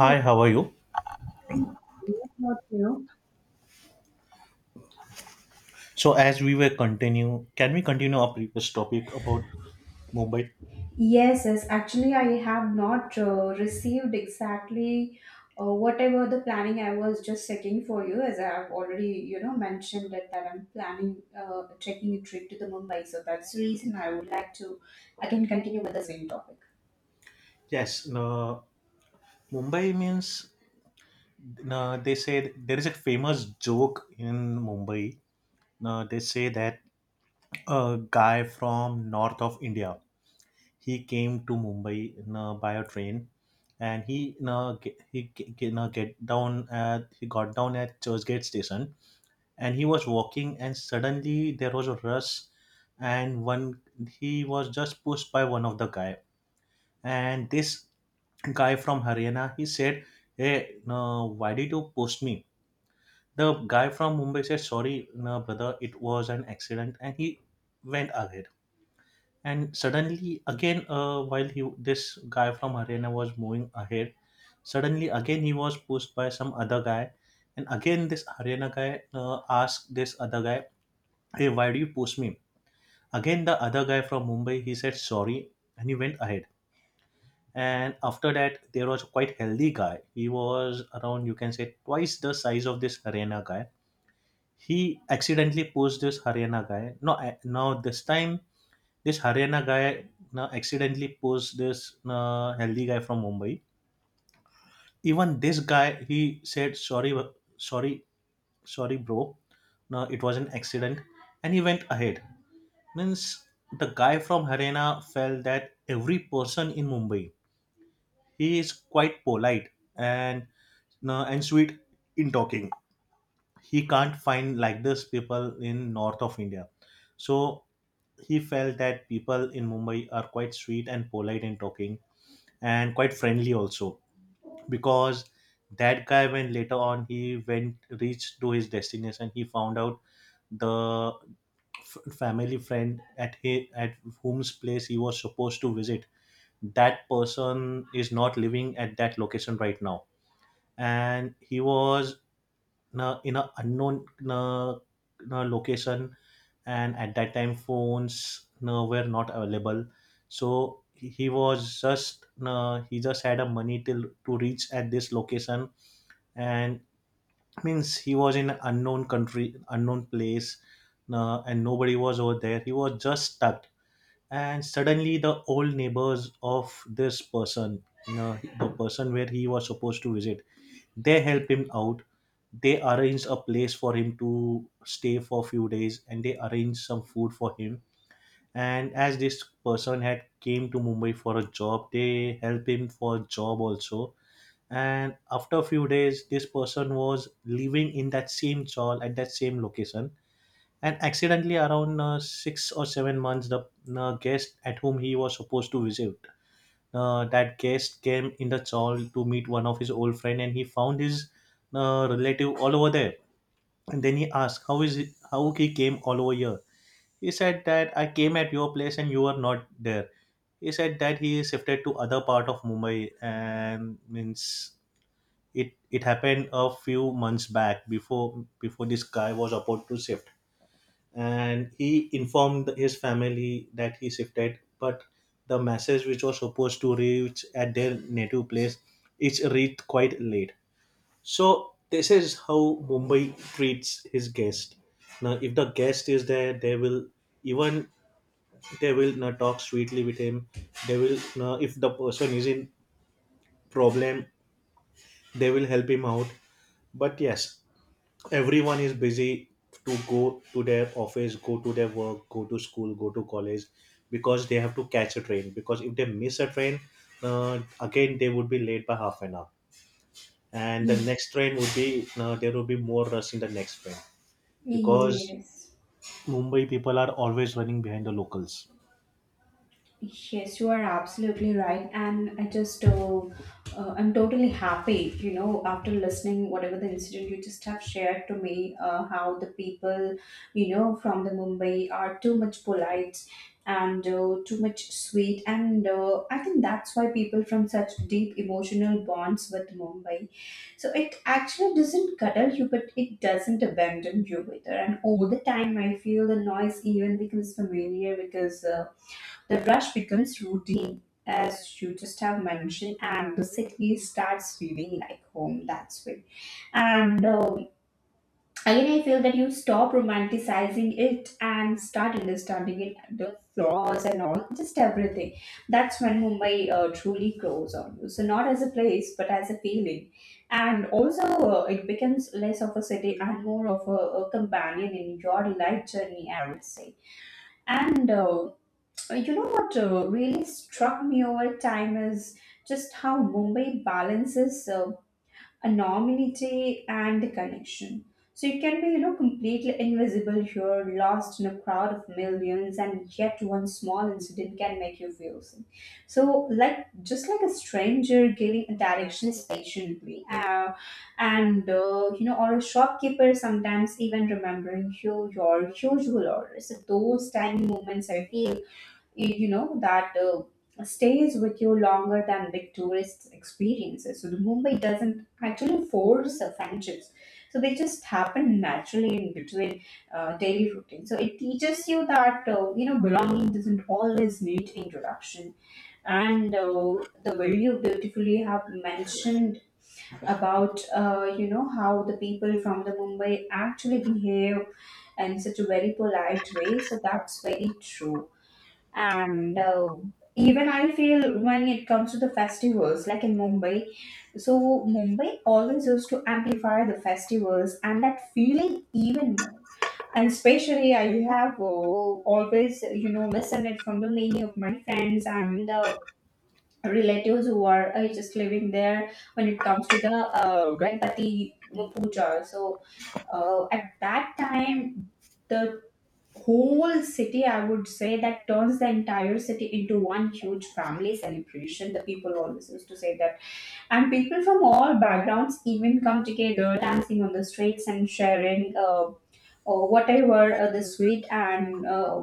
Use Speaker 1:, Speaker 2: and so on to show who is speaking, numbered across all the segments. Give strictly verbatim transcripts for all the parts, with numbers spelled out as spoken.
Speaker 1: Yes,
Speaker 2: how are you?
Speaker 1: thank you?
Speaker 2: So as we were continue, can we continue our previous topic about Mumbai?
Speaker 1: Yes, yes. Actually, I have not uh, received exactly uh, whatever the planning I was just checking for you, as I have already, you know, mentioned that, that I'm planning uh, taking a trip to the Mumbai. So that's the reason I would like to again continue with the same topic.
Speaker 2: Yes, no, Mumbai means no, they say there is a famous joke in Mumbai. No, they say that a guy from north of India he came to Mumbai no, by a train, and he no, ge- he ge- ge- no, get down at he got down at Churchgate station, and he was walking and suddenly there was a rush and one he was just pushed by one of the guy. And this guy from haryana he said, hey no, why did you push me? The guy from mumbai said sorry no, brother, it was an accident, and he went ahead. And suddenly again, uh, while he this guy from haryana was moving ahead, suddenly again he was pushed by some other guy. And again this haryana guy uh, asked this other guy, hey why do you push me? Again, the other guy from Mumbai, he said sorry and he went ahead. And after that, there was quite healthy guy. He was around, you can say, twice the size of this Haryana guy. He accidentally pushed this Haryana guy. No, eh, now this time, this Haryana guy now accidentally pushed this uh, healthy guy from Mumbai. Even this guy, he said sorry, w- sorry, sorry, bro. No, it was an accident, and he went ahead. Means the guy from Haryana felt that every person in Mumbai, he is quite polite and uh, and sweet in talking. He can't find like this people in north of India. So he felt that people in Mumbai are quite sweet and polite in talking and quite friendly also, because that guy when later on he went reached to his destination he found out the f- family friend at he, at whom's place he was supposed to visit, that person is not living at that location right now. And he was in a, in a unknown uh, uh, location, and at that time phones uh, were not available. So he he was just uh, he just had a money till to reach at this location. And means he was in an unknown country, unknown place, uh, and nobody was over there, he was just stuck. And suddenly the old neighbors of this person, you know, the person where he was supposed to visit, they helped him out. They arranged a place for him to stay for a few days, and they arranged some food for him. And as this person had came to mumbai for a job, they helped him for a job also. And after a few days this person was living in that same chawl at that same location. And accidentally around uh, six or seven months, the uh, guest at whom he was supposed to visit, uh, that guest came in the chawl to meet one of his old friend, and he found his uh, relative all over there. And then he asked, how is it, how he came all over here? He said that I came at your place and you were not there. He said that he shifted to other part of mumbai, and means it it happened a few months back before, before this guy was about to shift. And he informed his family that he shifted, but the message which was supposed to reach at their native place is reached quite late. So this is how mumbai treats his guest. Now if the guest is there they will, even they will not talk sweetly with him, they will now if the person is in problem, they will help him out. But yes, everyone is busy, to go to their office, go to their work, go to school, go to college, because they have to catch a train, because if they miss a train, uh, again they would be late by half an hour. And the
Speaker 1: Ye-
Speaker 2: next train would be uh, there would be more rush in the next train, because
Speaker 1: Yes.
Speaker 2: mumbai people are always running behind the locals.
Speaker 1: Yes, you are absolutely right, and I just uh, uh, I'm totally happy. You know, after listening whatever the incident you just have shared to me, uh, how the people, you know, from the Mumbai are too much polite and uh, too much sweet, and uh, I think that's why people from such deep emotional bonds with Mumbai. So it actually doesn't cuddle you, but it doesn't abandon you either. And all the time, I feel the noise even becomes familiar. Because. Uh, the rush becomes routine, as you just have mentioned, and the city starts feeling like home. That's way. And um again, I really feel that you stop romanticizing it and start understanding it, the flaws and all, just everything. That's when Mumbai uh, truly grows on you. So not as a place, but as a feeling. And also, uh, it becomes less of a city and more of a, a companion in your life journey, I would say. And uh, uh, you know what uh, really struck me over time is just how Mumbai balances uh, anonymity and connection. So you can be, you know, completely invisible here, lost in a crowd of millions, and yet one small incident can make you feel seen. So, like, just like a stranger giving a directions patiently, uh, and uh, you know, or a shopkeeper sometimes even remembering you your usual orders. So those tiny moments, I feel, y- you know that uh, stays with you longer than big tourist experiences. So the Mumbai doesn't actually force uh, friendships, so they just happen naturally in between uh, daily routine. So it teaches you that uh, you know belonging doesn't always need introduction. And uh, the way you beautifully have mentioned about uh, you know how the people from the Mumbai actually behave in such a very polite way, so that's very true. And uh, even I feel when it comes to the festivals like in Mumbai, so Mumbai always used to amplify the festivals and that feeling even more. And especially I have uh, always you know listened it from the many of my friends and the relatives who are uh, just living there. When it comes to the uh, Ganpati Puja, so uh, at that time the whole city, I would say, that turns the entire city into one huge family celebration, the people always used to say that. And people from all backgrounds even come together, dancing on the streets and sharing uh, or whatever uh, the sweet and uh,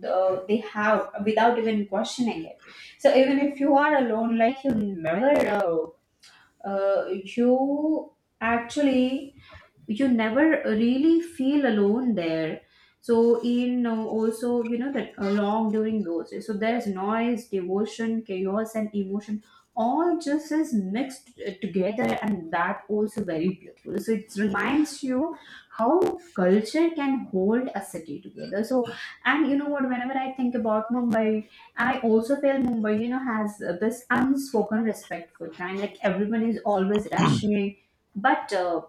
Speaker 1: the, they have, without even questioning it. So even if you are alone, like you never uh, uh, you actually you never really feel alone there. So in uh, also, you know, that along during those days, so there's noise, devotion, chaos and emotion all just is mixed uh, together, and that also very beautiful. So it reminds you how culture can hold a city together. So, and you know what, whenever I think about Mumbai, I also feel Mumbai you know has uh, this unspoken respect for time, like everyone is always rushing, but uh,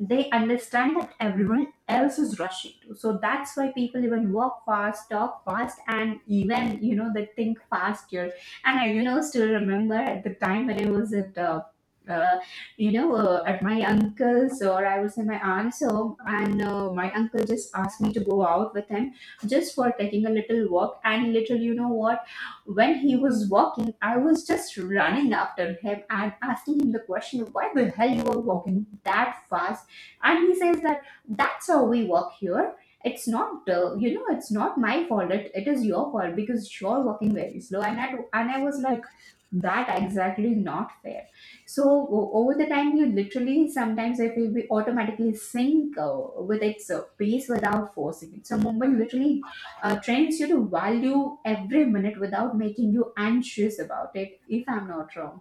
Speaker 1: they understand that everyone else is rushing to. So that's why people even walk fast, talk fast, and even you know they think faster. And I you know still remember at the time when I was at. Uh, uh, you know, uh, at my uncle's, or I was in my aunt's home, and uh, my uncle just asked me to go out with him just for taking a little walk. And little, you know what? When he was walking, I was just running after him and asking him the question, "Why the hell you were walking that fast?" And he says that that's how we work here. It's not uh, you know it's not my fault, it, it is your fault because you're working very slow. And I, and I was like, that exactly not fair. So o- over the time, you literally sometimes I feel we automatically sync uh, with its uh, pace without forcing it. So Mumbai literally uh, trains you to value every minute without making you anxious about it, if I'm not wrong.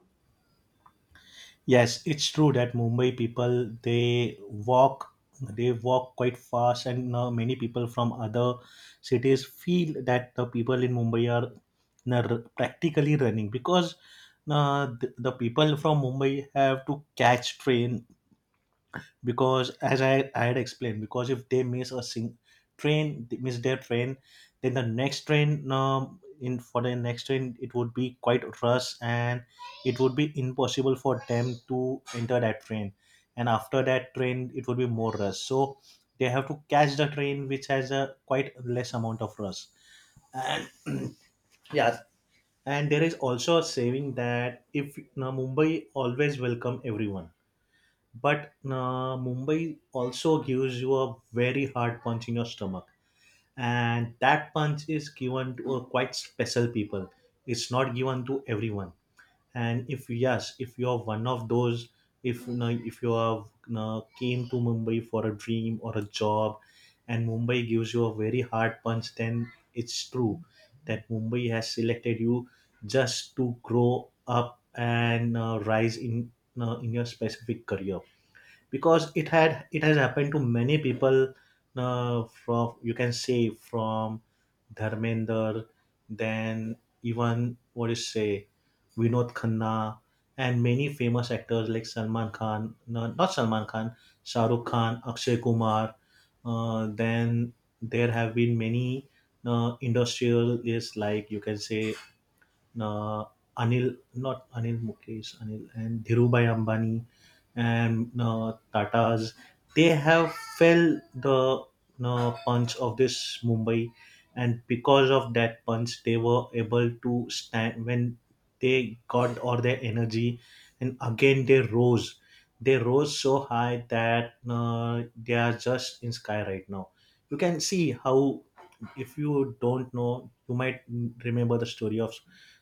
Speaker 2: Yes, it's true that Mumbai people they walk, they walk quite fast, and uh, many people from other cities feel that the people in Mumbai are uh, practically running, because uh, the, the people from Mumbai have to catch train, because as I, I had explained, because if they miss a sing- train, they miss their train, then the next train um, in for the next train it would be quite rush, and it would be impossible for them to enter that train. And after that train it would be more rush, so they have to catch the train which has a quite less amount of rush. Yes. And there is also a saving that, if you know, mumbai always welcome everyone, but uh, Mumbai also gives you a very hard punch in your stomach, and that punch is given to a quite special people. It's not given to everyone. And if yes, if you're one of those, if you know, if you have, you know, came to Mumbai for a dream or a job, and Mumbai gives you a very hard punch, then it's true that Mumbai has selected you just to grow up and uh, rise in uh, in your specific career, because it had it has happened to many people, uh, from, you can say, from Dharmender, then even what is say Vinod Khanna, and many famous actors like Salman Khan, no, not Salman Khan, Shah Rukh Khan, Akshay Kumar. Uh, then there have been many uh, industrialists, like you can say, uh, Anil, not Anil Mukesh, Anil and Dhirubhai Ambani, and uh, Tata's, they have felt the uh, punch of this Mumbai, and because of that punch they were able to stand, when they got all their energy, and again they rose. They rose so high that uh, they are just in sky right now. You can see how, if you don't know, you might remember the story of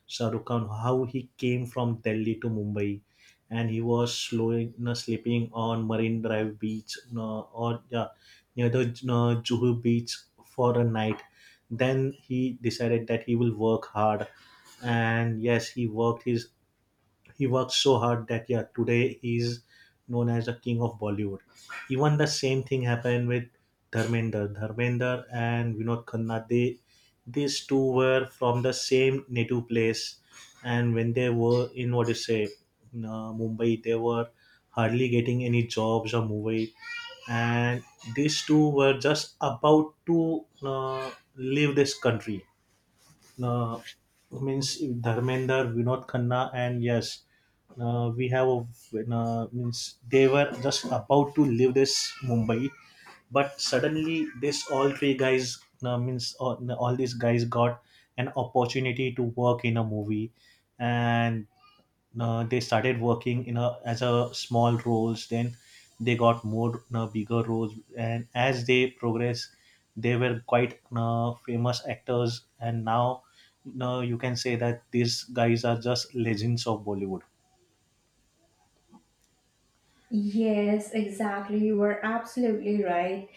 Speaker 2: Shah Rukh Khan, how he came from Delhi to Mumbai, and he was slowing, you know, sleeping on Marine Drive beach, you know, or yeah, near the, you know, Juhu beach for a night. Then he decided that he will work hard, and yes, he worked his he worked so hard that yeah today he's known as the king of bollywood. Even the same thing happened with dharmender dharmender and vinod khanna, they, these two were from the same native place, and when they were in what you say in, uh, mumbai, they were hardly getting any jobs or mumbai, and these two were just about to uh, leave this country, uh, means Dharmender, Vinod Khanna, and yes, uh, we have a, uh, means they were just about to leave this Mumbai, but suddenly this all three guys uh, means all, all these guys got an opportunity to work in a movie. And uh, they started working in a as a small roles, then they got more uh, bigger roles, and as they progress they were quite uh, famous actors, and now uh, you can say that these guys are just legends of bollywood.
Speaker 1: Yes, exactly. You were absolutely right.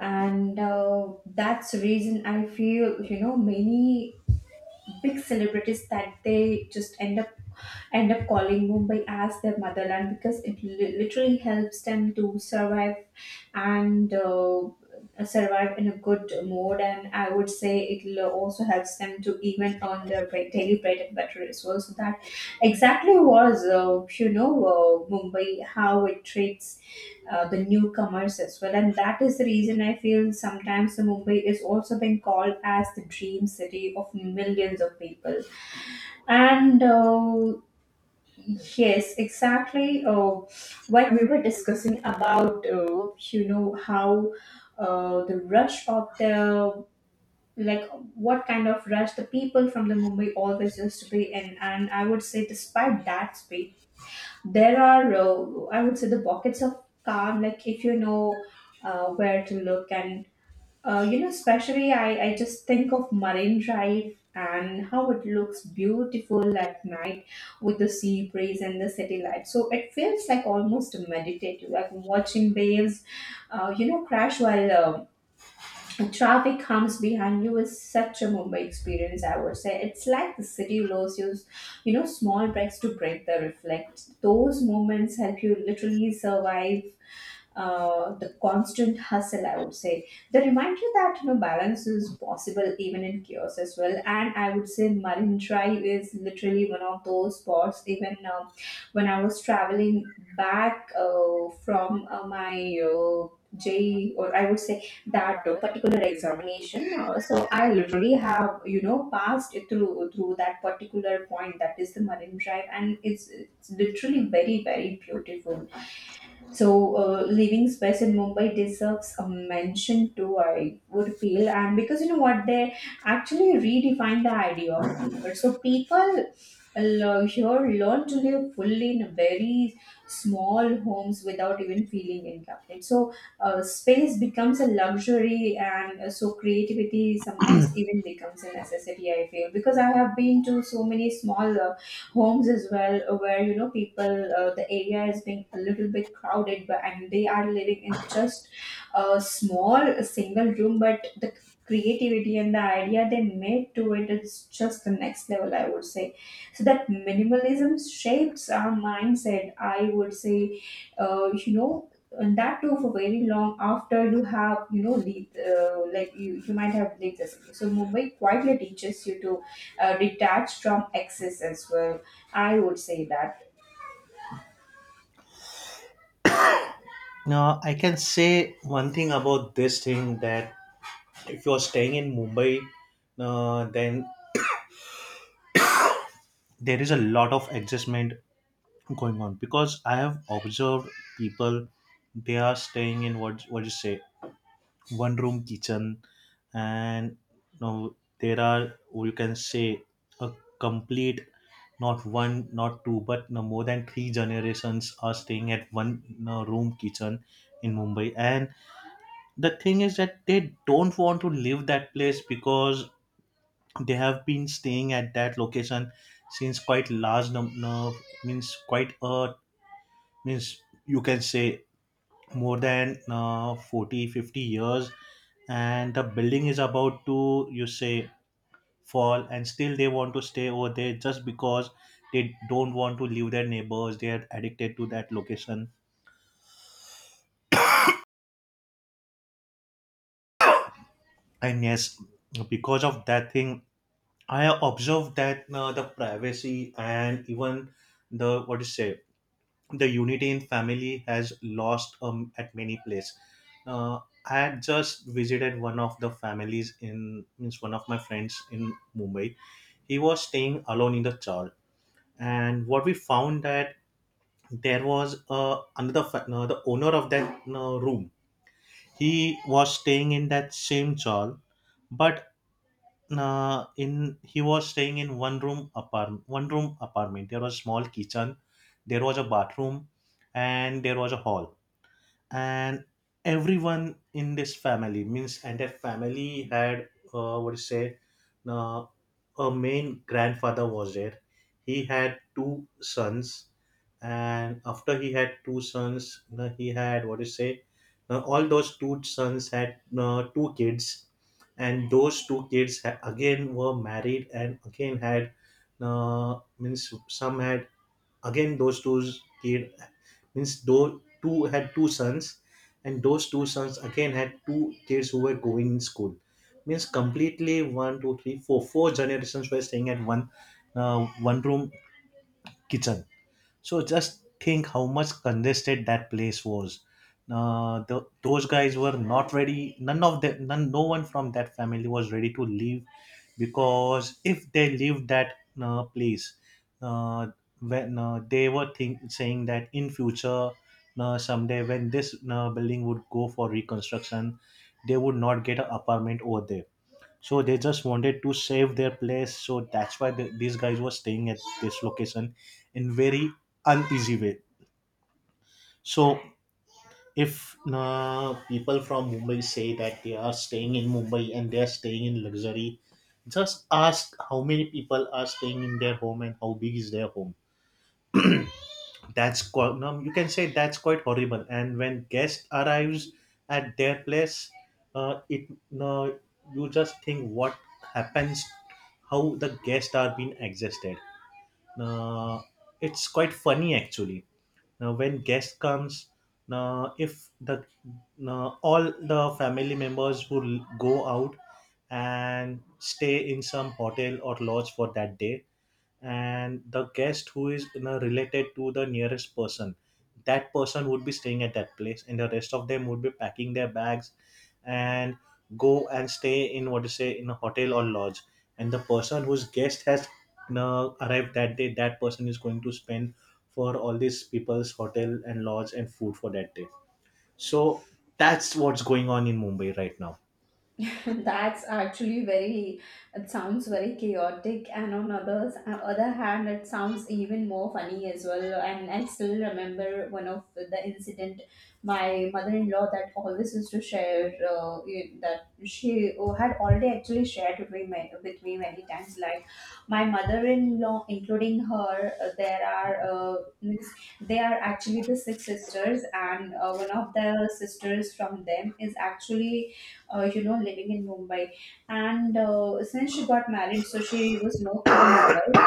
Speaker 1: And uh, that's the reason I feel you know many big celebrities that they just end up end up calling Mumbai as their motherland, because it li- literally helps them to survive. And uh, survive in a good mode, and I would say it also helps them to even earn their bread, daily bread and butter as well. So that exactly was uh, you know uh, Mumbai, how it treats uh, the newcomers as well. And that is the reason I feel sometimes the Mumbai is also being called as the dream city of millions of people. And uh, yes, exactly. Uh, when we were discussing about, uh, you know, how uh, the rush of the like what kind of rush the people from the Mumbai always used to be in, and I would say, despite that space, there are, uh, I would say, the pockets of calm, like if you know uh, where to look. And uh, you know especially I, I just think of Marine Drive and how it looks beautiful at night with the sea breeze and the city lights. So it feels like almost meditative, like watching waves uh, you know, crash while um traffic comes behind you, is such a Mumbai experience, I would say. It's like the city allows you, you know, small breaks to break the reflect. Those moments help you literally survive uh, the constant hustle, I would say. The reminder that you know balance is possible even in chaos as well. And I would say Marine Drive is literally one of those spots. Even uh, when I was traveling back uh, from uh, my uh, J, or I would say that uh, particular examination. Uh, so I literally have you know passed it through through that particular point, that is the Marine Drive, and it's, it's literally very very beautiful. So, uh, living space in Mumbai deserves a mention too, I would feel. And because you know what, they actually redefine the idea of comfort. So, people uh, here learn to live fully in very small homes without even feeling incomplete. So, uh, space becomes a luxury, and uh, so creativity sometimes even becomes a necessity, I feel. Because I have been to so many small uh, homes as well, uh, where you know people, uh, the area is being a little bit crowded, but, and they are living in just a small single room, but the creativity and the idea they made to it is just the next level, I would say. So that minimalism shapes our mindset, I would say, uh, you know and that too for very long after you have you know leave, uh, like you you might have lived the city. So Mumbai quietly teaches you to uh, detach from excess as well, I would say that.
Speaker 2: Now I can say one thing about this thing, that if you're staying in mumbai, uh, then there is a lot of adjustment going on, because I have observed people, they are staying in what what you say, one room kitchen. And now there are, you can say, a complete, not one not two but no more than three generations are staying at one no, room kitchen in mumbai. And the thing is that they don't want to leave that place, because they have been staying at that location since quite large num- no, means quite a, means you can say, more than uh, forty fifty years, and the building is about to you say fall, and still they want to stay over there just because they don't want to leave their neighbors, they are addicted to that location. And yes, because of that thing, I observed that uh, the privacy and even the what do you say, the unity in family has lost um, at many places. Uh, I had just visited one of the families, in means one of my friends in Mumbai. He was staying alone in the church, and what we found that there was uh, another fa- uh, the owner of that uh, room. He was staying in that same church, but uh, in he was staying in one room apartment. One room apartment. There was a small kitchen, there was a bathroom, and there was a hall, and everyone in this family means and that family had uh, what do you say, uh, a main grandfather was there. He had two sons, and after he had two sons, you know, he had what do you say, uh, all those two sons had uh, two kids, and those two kids ha- again were married and again had uh, means some had, again those two kids, means those two had two sons, and those two sons again had two kids who were going in school. Means completely one two three four, four generations were staying at one uh, one room kitchen. So just think how much congested that place was. Uh, the, those guys were not ready. None of them, none, no one from that family was ready to leave, because if they leave that uh, place, uh, when uh, they were think, saying that in future, uh, someday when this uh, building would go for reconstruction, they would not get an apartment over there. So they just wanted to save their place, so that's why the, these guys were staying at this location in very uneasy way. So if uh, people from Mumbai say that they are staying in Mumbai and they are staying in luxury, just ask how many people are staying in their home and how big is their home. That's quite, no, you can say that's quite horrible. And when guest arrives at their place, uh, it, no, you just think what happens, how the guests are being existed. uh, it's quite funny actually. Now when guest comes, now if the now all the family members will go out and stay in some hotel or lodge for that day, and the guest who is, you know, related to the nearest person, that person would be staying at that place, and the rest of them would be packing their bags and go and stay in, what to say, in a hotel or lodge. And the person whose guest has, you know, arrived that day, that person is going to spend for all these people's hotel and lodge and food for that day. So that's what's going on in Mumbai right now.
Speaker 1: That's actually very, it sounds very chaotic, and on others, on other hand, it sounds even more funny as well. And I still remember one of the incident, my mother-in-law that always used to share uh, you- that she uh, had already actually shared with me ma- with me many times. Like, my mother-in-law, including her, uh, there are, uh, means they are actually the six sisters, and uh, one of the sisters from them is actually uh, you know, living in Mumbai. And uh, since she got married, so she was moved to the Mumbai.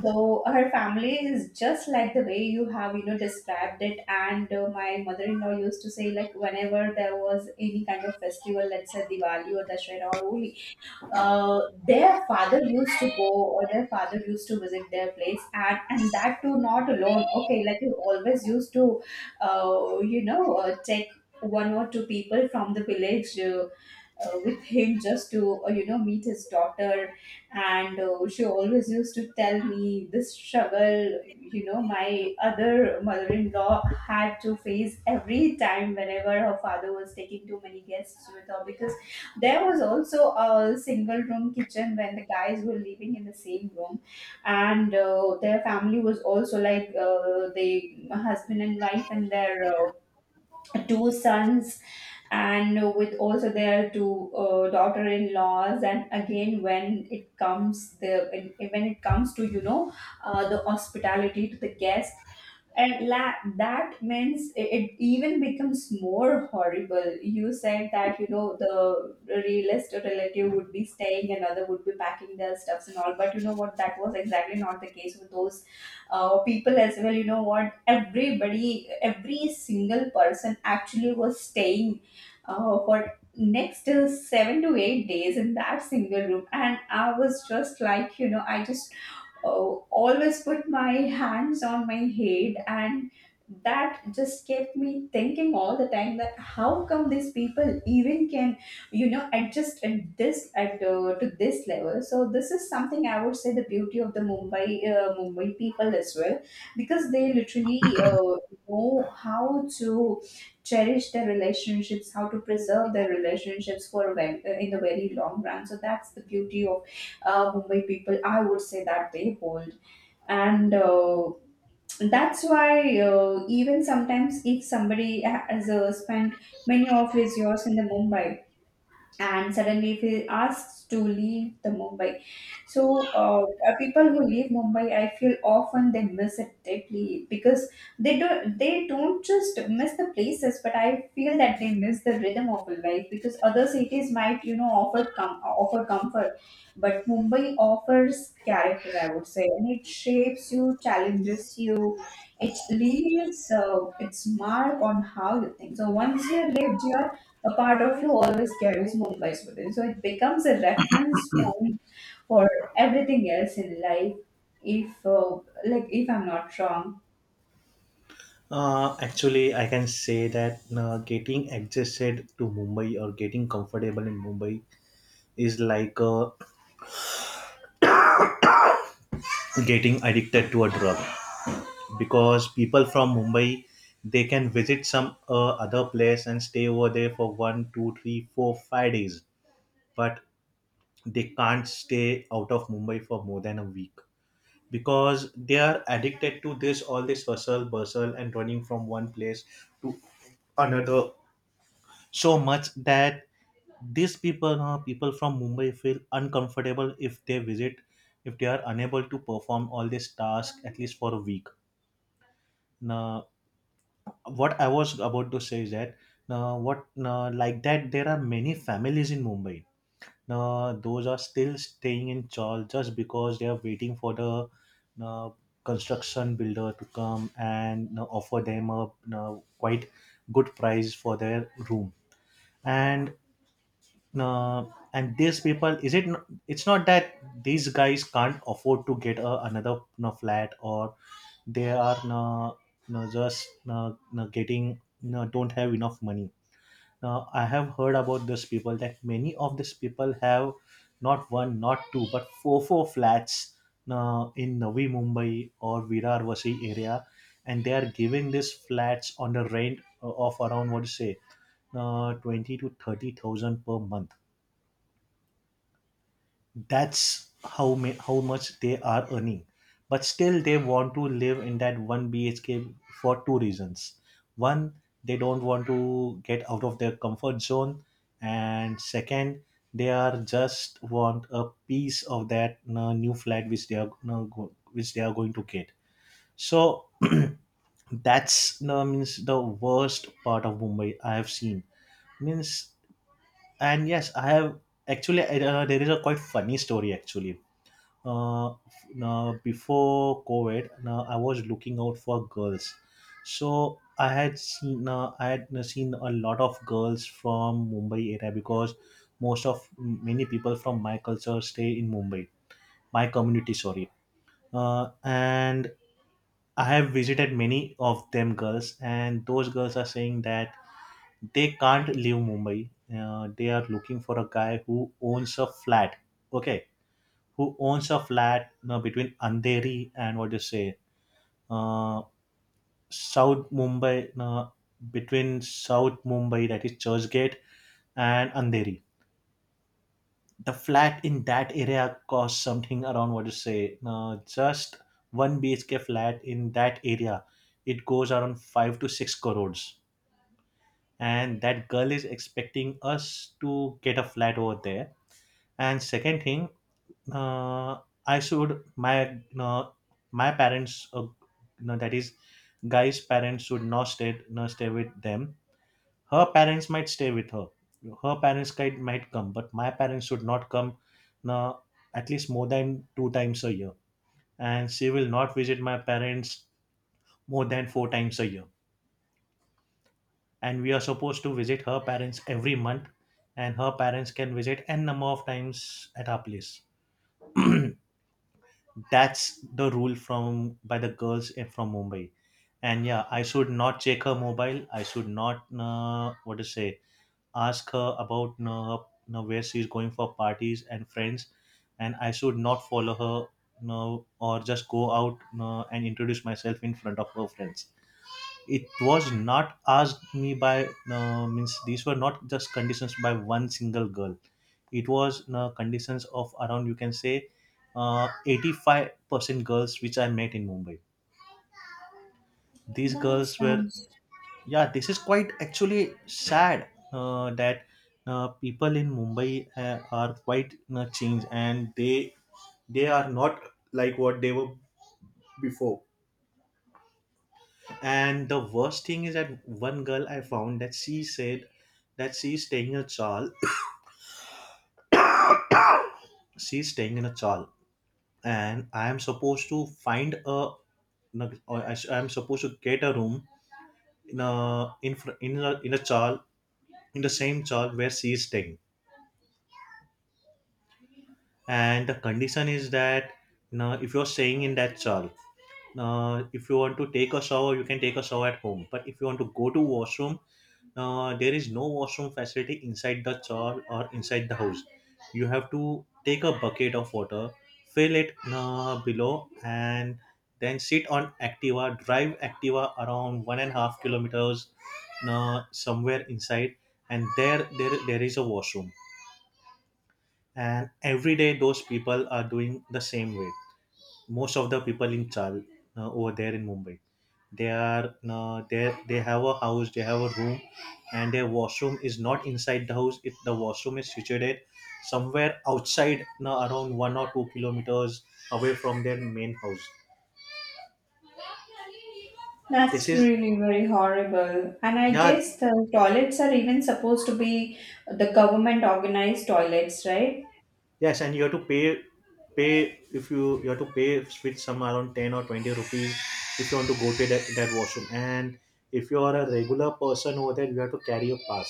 Speaker 1: So her family is just like the way you have, you know, described it. And uh, my mother-in-law used to say, like, whenever there was any kind of festival, let's say Diwali or Dashera or Holi, uh, their father used to go, or their father used to visit their place, and and that too not alone. Okay, like he always used to, uh, you know, uh, take one or two people from the village. Uh, uh, with him just to uh, you know meet his daughter. And uh, she always used to tell me this struggle, you know, my other mother-in-law had to face every time whenever her father was taking too many guests with her, because there was also a single room kitchen when the guys were living in the same room. And uh, their family was also like, uh, they husband and wife and their uh, two sons, and with also their two uh, daughter-in-laws. And again, when it comes the when, when it comes to, you know, uh, the hospitality to the guest, and la- that means it, it even becomes more horrible. You said that, you know, the realist or relative would be staying, another would be packing their stuffs and all. But you know what? That was exactly not the case with those uh, people as well. You know what? Everybody, every single person actually was staying uh, for next uh, seven to eight days in that single room. And I was just like, you know, I just uh, always put my hands on my head, and that just kept me thinking all the time that how come these people even can, you know, adjust at this at uh, to this level. So this is something I would say, the beauty of the Mumbai, uh, Mumbai people as well, because they literally uh, know how to cherish their relationships, how to preserve their relationships for a ve- uh, in the very long run. So that's the beauty of uh, Mumbai people, I would say, that they hold. And uh, that's why, uh, even sometimes, if somebody has uh, spent many of his years in the Mumbai, and suddenly if he asks to leave the Mumbai, so uh, uh, people who leave Mumbai, I feel often they miss it deeply, because they don't they don't just miss the places, but I feel that they miss the rhythm of life, because other cities might, you know, offer com- offer comfort, but Mumbai offers character, I would say. And it shapes you, challenges you, it leaves uh, its mark on how you think. So once you're lived, you're a part of you always carries Mumbai's within. So it becomes a reference point for everything else in life. If uh, like if I'm not wrong,
Speaker 2: Uh, actually, I can say that uh, getting adjusted to Mumbai or getting comfortable in Mumbai is like uh, getting addicted to a drug, because people from Mumbai, they can visit some uh, other place and stay over there for one, two, three, four, five days, but they can't stay out of Mumbai for more than a week, because they are addicted to this, all this hustle bustle and running from one place to another so much that these people, uh, people from Mumbai feel uncomfortable if they visit, if they are unable to perform all these tasks at least for a week. Now what I was about to say is that now what now like that there are many families in Mumbai, now those are still staying in chawl just because they are waiting for the uh, construction builder to come and uh, offer them a uh, quite good price for their room. And uh, and these people, is it n- it's not that these guys can't afford to get a, another, no, flat, or they are no, no, just no, no, getting no, don't have enough money. Now I have heard about these people, that many of these people have not one, not two, but four, four flats, no, in Navi Mumbai or Virar Vasi area, and they are giving these flats on the rent uh, of around, what to say, uh, twenty to thirty thousand per month. That's how ma- how much they are earning. But still they want to live in that one BHK for two reasons. One, they don't want to get out of their comfort zone, and second, they are just want a piece of that uh, new flat which they are uh, go- which they are going to get. So that's uh, means the worst part of Mumbai I have seen. Means, and yes, I have, actually uh, there is a quite funny story actually. uh, Now before COVID, now I was looking out for girls, so I had seen uh, i had uh, seen a lot of girls from Mumbai area, because most of, many people from my culture stay in Mumbai. My community, sorry. Uh, and I have visited many of them girls, and those girls are saying that they can't leave Mumbai. Uh, they are looking for a guy who owns a flat. Okay, who owns a flat uh, between Andheri and, what do you say, uh, South Mumbai, uh, between South Mumbai, that is Churchgate, and Andheri. The flat in that area costs something around, what do you say, uh, just one B H K flat in that area. It goes around five to six crores. And that girl is expecting us to get a flat over there. And second thing, uh, I should, my, no, my parents uh, no, that is, guy's parents should not stay not stay with them. Her parents might stay with her. Her parents might might come, but my parents should not come, no, at least more than two times a year. And she will not visit my parents more than four times a year. And we are supposed to visit her parents every month, and her parents can visit n number of times at our place. That's the rule from, by the girls in- from Mumbai. And yeah, I should not check her mobile, I should not, uh, what to say, ask her about uh, uh, where she's going for parties and friends, and I should not follow her, no, or just go out uh, and introduce myself in front of her friends. It was not asked me by, uh, means, these were not just conditions by one single girl. It was in a conditions of around, you can say, uh, eighty-five percent girls which I met in Mumbai. These
Speaker 1: that
Speaker 2: girls were,
Speaker 1: sounds
Speaker 2: yeah, this is quite actually sad, uh, that uh, people in Mumbai uh, are quite uh, changed, and they they are not like what they were before. And the worst thing is that one girl I found, that she said that she's staying in a chal, she's staying in a chal and I am supposed to find a, no, I, I am supposed to get a room in a, in fr- in a, in a chal, in the same chal where she is staying. And the condition is that, you know, if you are staying in that chal, uh, if you want to take a shower, you can take a shower at home. But if you want to go to washroom, uh, there is no washroom facility inside the chal or inside the house. You have to take a bucket of water, fill it uh, below, and then sit on activa, drive activa around one and a half kilometers uh, somewhere inside, and there, there there is a washroom. And every day those people are doing the same way, most of the people in Chal uh, over there in Mumbai. They are, uh, they they have a house, they have a room, and their washroom is not inside the house. It The washroom is situated somewhere outside, uh, around one or two kilometers away from their main house. This
Speaker 1: that's
Speaker 2: is,
Speaker 1: really very horrible. And I
Speaker 2: yeah,
Speaker 1: guess the toilets are even supposed to be the government organized toilets, right?
Speaker 2: yes, and you have to pay, pay if you you have to pay with some around ten or twenty rupees if you want to go to that, that washroom. And if you are a regular person over there, you have to carry a pass.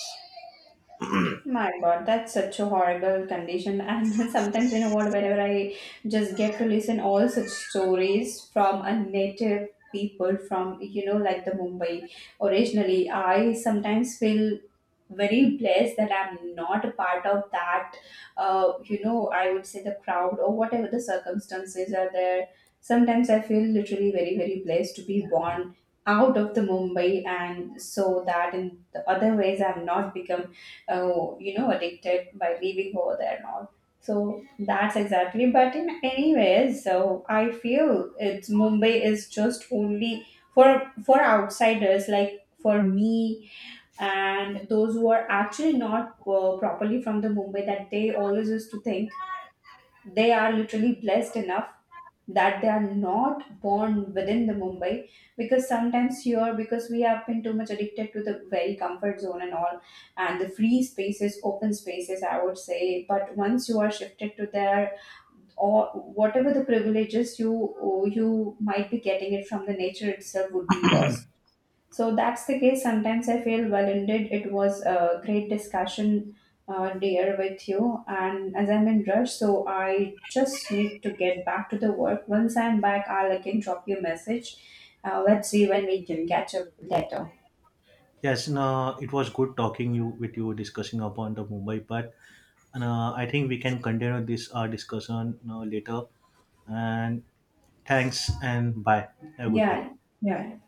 Speaker 1: My God, that's such a horrible condition. And sometimes, you know what, whenever I just get to listen all such stories from a native people from, you know, like the Mumbai originally, I sometimes feel very blessed that I'm not a part of that, uh, you know, I would say the crowd or whatever the circumstances are there. Sometimes I feel literally very, very blessed to be born out of the Mumbai, and so that in the other ways I've not become, uh, you know, addicted by living over there and all. So that's exactly. But in anyways, so I feel it's Mumbai is just only for for outsiders like for me, and those who are actually not uh, properly from the Mumbai, that they always used to think they are literally blessed enough that they are not born within the Mumbai. Because sometimes here, because we have been too much addicted to the very comfort zone and all, and the free spaces, open spaces, I would say. But once you are shifted to there, or whatever the privileges you you might be getting it from the nature itself would be lost. So that's the case. Sometimes I feel, well, indeed, it was a great discussion, uh, dear, with you. And as I'm in rush, so I just need to get back to the work. Once I'm back, I'll again drop you a message. Uh, let's see when we can catch up later.
Speaker 2: Yes, no, it was good talking you, with you, discussing upon the Mumbai part, and uh, I think we can continue this uh, discussion uh, later. And thanks and bye. Have a good day.
Speaker 1: Yeah, yeah.